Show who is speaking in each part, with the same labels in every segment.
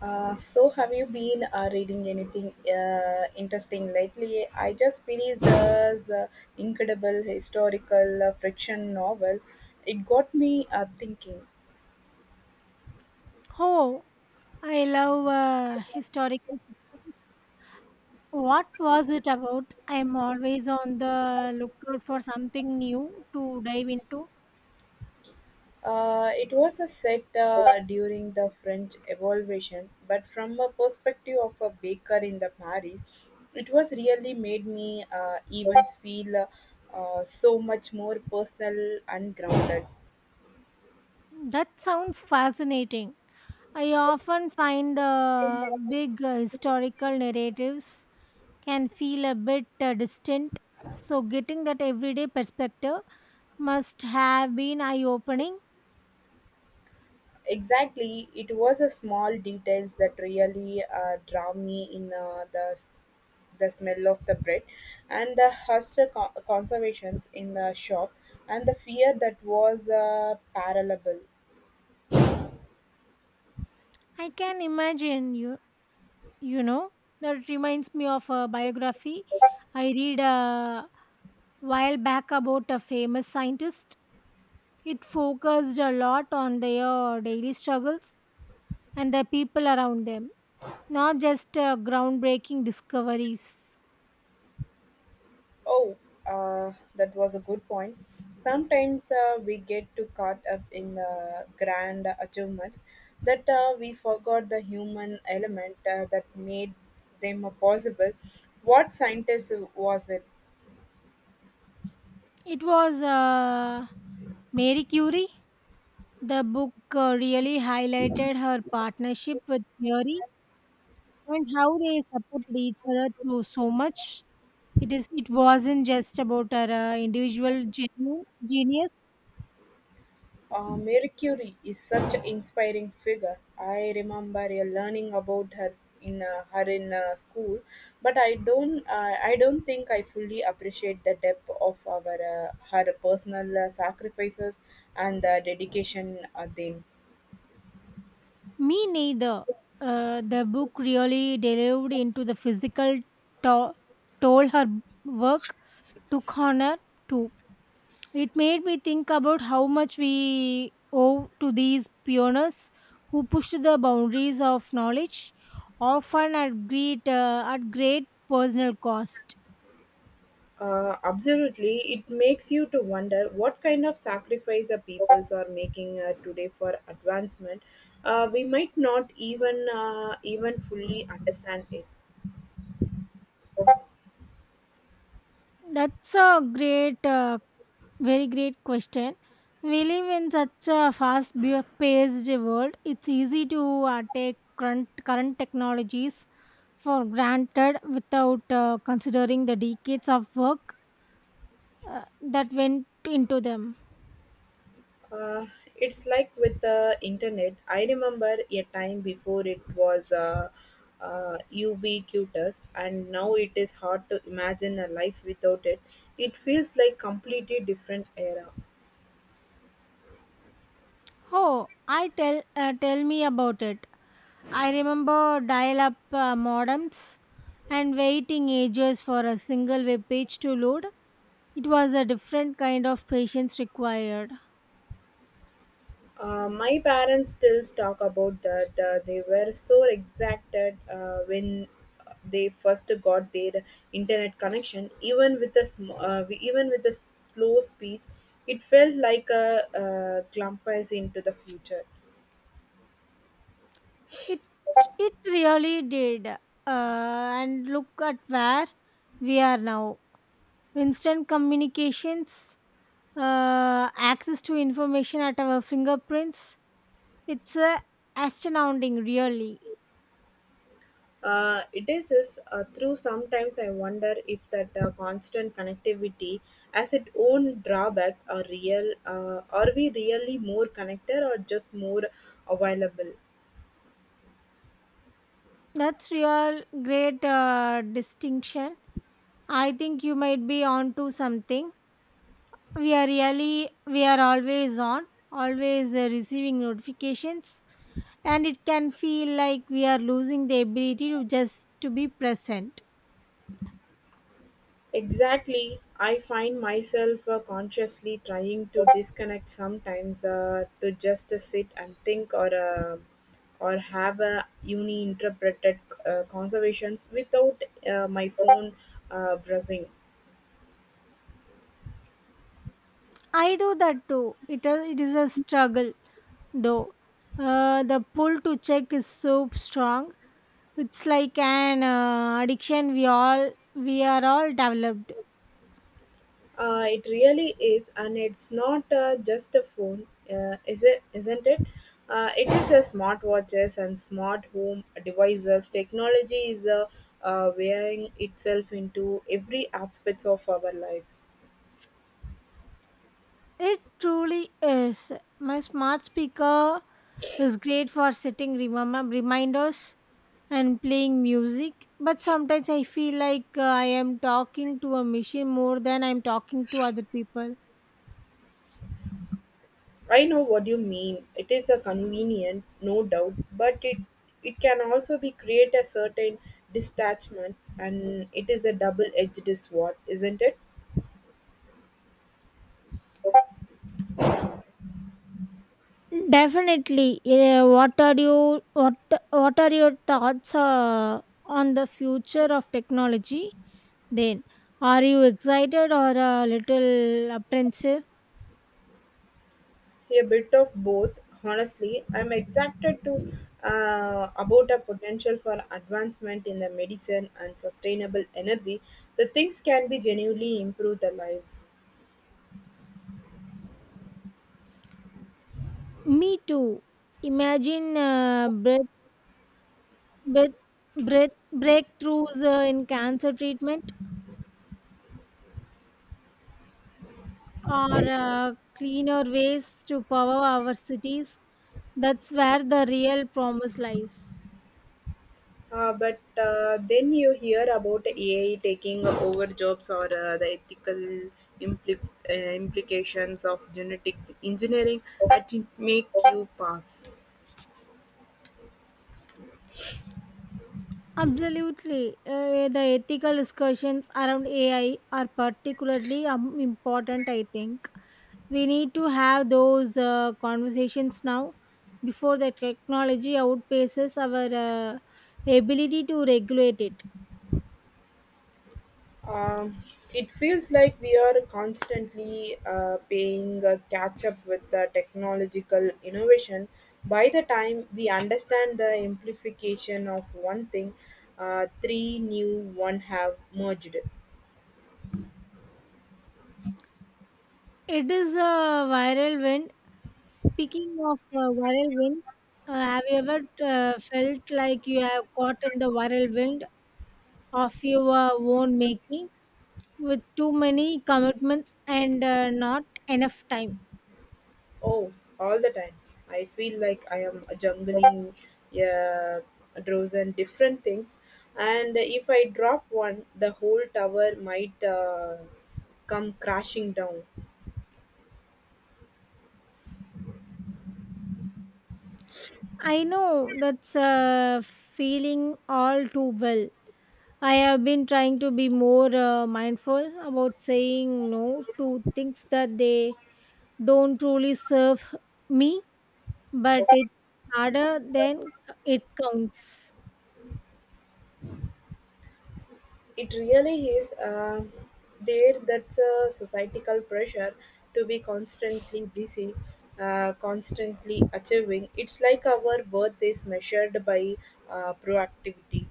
Speaker 1: So have you been reading anything interesting lately? I just finished this incredible historical fiction novel. It got me thinking.
Speaker 2: Oh, I love historical fiction. What was it about? I'm always on the lookout for something new to dive into.
Speaker 1: It was a set during the French Revolution, but from a perspective of a baker in the Paris, it was really made me even feel so much more personal and grounded.
Speaker 2: That sounds fascinating. I often find the big historical narratives can feel a bit distant. So, getting that everyday perspective must have been eye opening.
Speaker 1: Exactly, it was a small details that really draw me in, the smell of the bread and the conservations in the shop and the fear that was parallelable.
Speaker 2: I can imagine you, you know, that reminds me of a biography I read. While back about a famous scientist. It focused a lot on their daily struggles and the people around them, not just groundbreaking discoveries.
Speaker 1: Oh, that was a good point. Sometimes we get too caught up in the grand achievements that we forgot the human element that made them possible. What scientist was it?
Speaker 2: It was Mary Curie. The book really highlighted her partnership with theory and how they supported each other through so much. It is. It wasn't just about her individual genius.
Speaker 1: Marie Curie is such an inspiring figure. I remember learning about her s- in her in school, but I don't think I fully appreciate the depth of our her personal sacrifices and the dedication then.
Speaker 2: Me neither. The book really delved into the physical to- toll her work took on her too. It made me think about how much we owe to these pioneers who pushed the boundaries of knowledge, often at great personal cost.
Speaker 1: Absolutely, it makes you to wonder what kind of sacrifice the peoples are making today for advancement. We might not even fully understand it.
Speaker 2: That's a great very great question. We live in such a paced world. It's easy to take current technologies for granted without considering the decades of work that went into them.
Speaker 1: Uh, it's like with the internet. I remember a time before it was ubiquitous, and now it is hard to imagine a life without it. It feels like completely different era.
Speaker 2: Oh, I tell me about it. I remember dial-up modems and waiting ages for a single web page to load. It was a different kind of patience required.
Speaker 1: My parents still talk about that. They were so excited when they first got their internet connection. Even with the slow speeds, it felt like a glimpse into the future.
Speaker 2: It it really did. And look at where we are now. Instant communications, access to information at our fingerprints. It's astounding, really.
Speaker 1: It is, through sometimes I wonder if that constant connectivity has its own drawbacks are real. Are we really more connected or just more available?
Speaker 2: That's real great distinction. I think you might be onto something. We are really we are always on, always receiving notifications, and it can feel like we are losing the ability to just to be present.
Speaker 1: Exactly. I find myself consciously trying to disconnect sometimes to just sit and think or have a uni interpreted conversations without my phone buzzing.
Speaker 2: I do that too. It is a struggle, though. The pull to check is so strong. It's like an addiction we are all developed.
Speaker 1: It really is, and it's not just a phone, is it? Isn't it? It is a smartwatches and smart home devices. Technology is wearing itself into every aspects of our life.
Speaker 2: It truly is. My smart speaker is great for setting remember reminders and playing music, but sometimes I feel like I am talking to a machine more than I'm talking to other people.
Speaker 1: I know what you mean. It is a convenient, no doubt, but it can also be create a certain detachment, and it is a double-edged sword, isn't it?
Speaker 2: Definitely. Yeah, what are your thoughts on the future of technology? Then are you excited or a little apprehensive?
Speaker 1: A bit of both, honestly. I'm excited to about a potential for advancement in the medicine and sustainable energy. The things can be genuinely improve the lives.
Speaker 2: Me too. Imagine breath, breath, breakthroughs in cancer treatment or cleaner ways to power our cities. That's where the real promise lies.
Speaker 1: But then you hear about AI taking over jobs or the ethical implications of genetic engineering that it make you pass.
Speaker 2: Absolutely. The ethical discussions around AI are particularly important, I think. We need to have those conversations now before the technology outpaces our uh, ability to regulate it.
Speaker 1: Um, it feels like we are constantly paying a catch up with the technological innovation. By the time we understand the amplification of one thing, three new one have merged.
Speaker 2: It is a viral wind. Speaking of whirlwind, have you ever felt like you have caught in the whirlwind of your own making with too many commitments and not enough time?
Speaker 1: Oh, all the time. I feel like I am juggling uh, a dozen different things, and if I drop one, the whole tower might come crashing down.
Speaker 2: I know that's a feeling all too well. I have been trying to be more mindful about saying no to things that they don't truly serve me, but it's harder than it counts.
Speaker 1: It really is. That's a societal pressure to be constantly busy, constantly achieving. It's like our worth is measured by proactivity.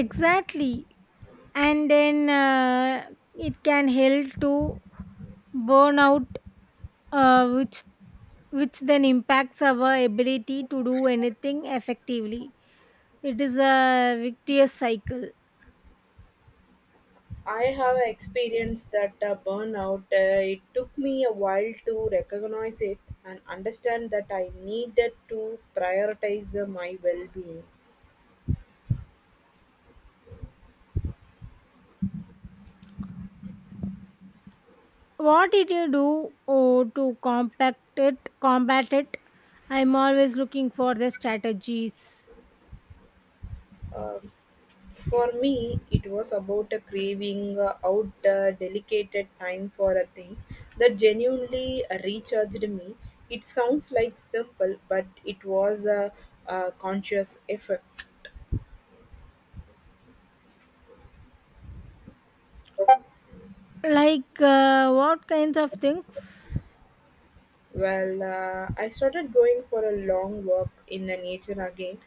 Speaker 2: Exactly. And then it can help to burn out, uh, which which then impacts our ability to do anything effectively. It is a victious cycle.
Speaker 1: I have experienced that burnout. It took me a while to recognize it and understand that I needed to prioritize my well being.
Speaker 2: What did you do, oh, to combat it? I'm always looking for the strategies.
Speaker 1: Uh, For me, it was about a craving out dedicated time for things that genuinely recharged me. It sounds like simple, but it was a conscious effort.
Speaker 2: Like, what kinds of things?
Speaker 1: Well, I started going for a long walk in the nature again.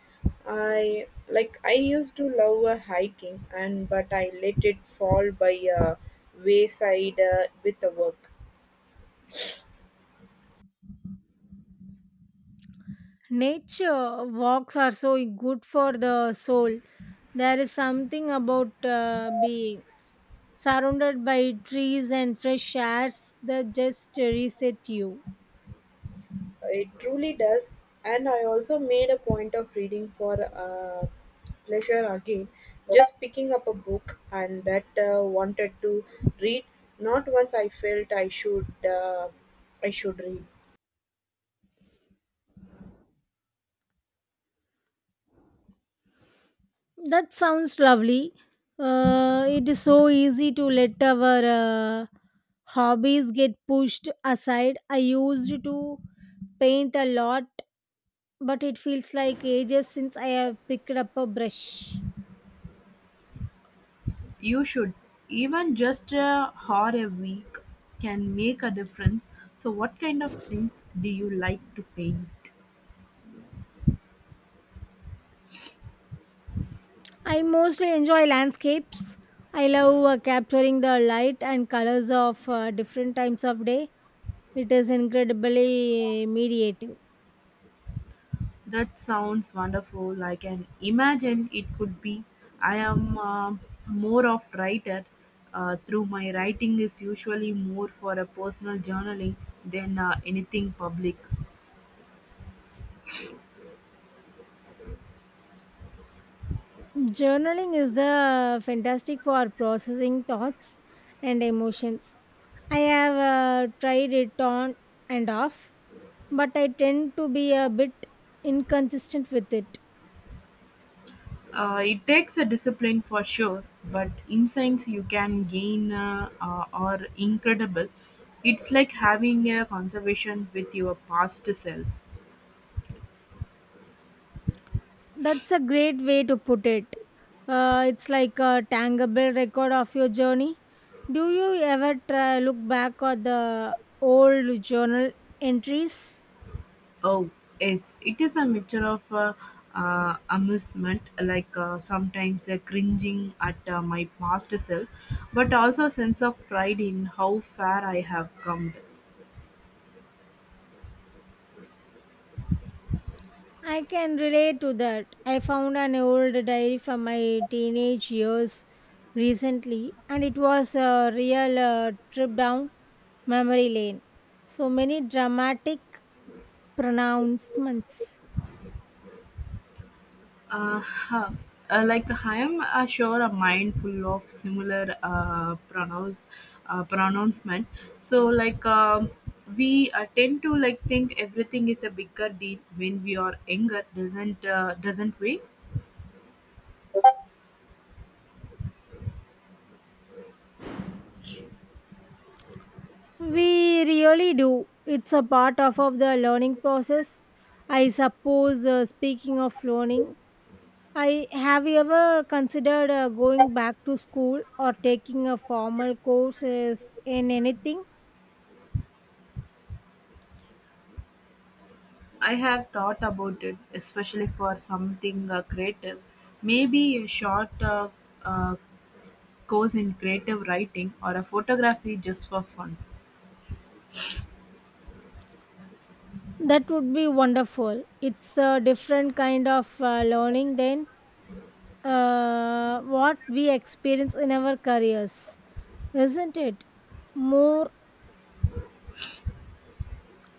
Speaker 1: I used to love hiking, and but I let it fall by wayside with the work.
Speaker 2: Nature walks are so good for the soul. There is something about being surrounded by trees and fresh airs that just reset you.
Speaker 1: It truly does. And I also made a point of reading for pleasure again, just picking up a book and that wanted to read. Not once I felt I should. I should read.
Speaker 2: That sounds lovely. It is so easy to let our hobbies get pushed aside. I used to paint a lot, but it feels like ages since I have picked up a brush.
Speaker 1: You should. Even just a hour a week can make a difference. So, what kind of things do you like to paint?
Speaker 2: I mostly enjoy landscapes. I love capturing the light and colors of different times of day. It is incredibly meditative.
Speaker 1: That sounds wonderful. I can imagine it could be. I am more of writer. Through my writing is usually more for a personal journaling than anything public.
Speaker 2: Journaling is the fantastic for processing thoughts and emotions. I have tried it on and off, but I tend to be a bit inconsistent with it.
Speaker 1: It takes a discipline for sure, but insights you can gain are incredible. It's like having a conversation with your past self.
Speaker 2: That's a great way to put it. It's like a tangible record of your journey. Do you ever try look back at the old journal entries?
Speaker 1: Oh, yes, it is a mixture of amusement, like sometimes cringing at my past self, but also a sense of pride in how far I have come.
Speaker 2: I can relate to that. I found an old diary from my teenage years recently, and it was a real trip down memory lane. So many dramatic pronouncements.
Speaker 1: Huh. Like I am sure a mind full of similar pronouns, pronouncement. So like we tend to like think everything is a bigger deal when we are younger, doesn't we?
Speaker 2: We really do. It's a part of the learning process. I suppose, speaking of learning, I have you ever considered going back to school or taking a formal courses in anything?
Speaker 1: I have thought about it, especially for something creative. Maybe a short uh, course in creative writing or a photography just for fun.
Speaker 2: That would be wonderful. It's a different kind of learning than what we experience in our careers, isn't it? More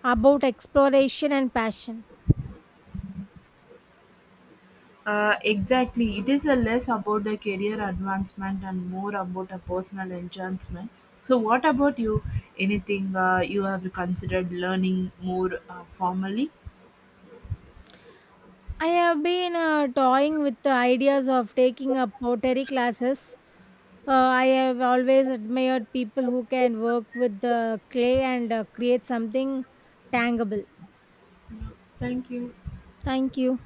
Speaker 2: about exploration and passion.
Speaker 1: Exactly. It is a less about the career advancement and more about a personal enhancement. So, what about you? Anything you have considered learning more formally?
Speaker 2: I have been toying with the ideas of taking up pottery classes. I have always admired people who can work with the clay and create something tangible.
Speaker 1: No. Thank you.
Speaker 2: Thank you.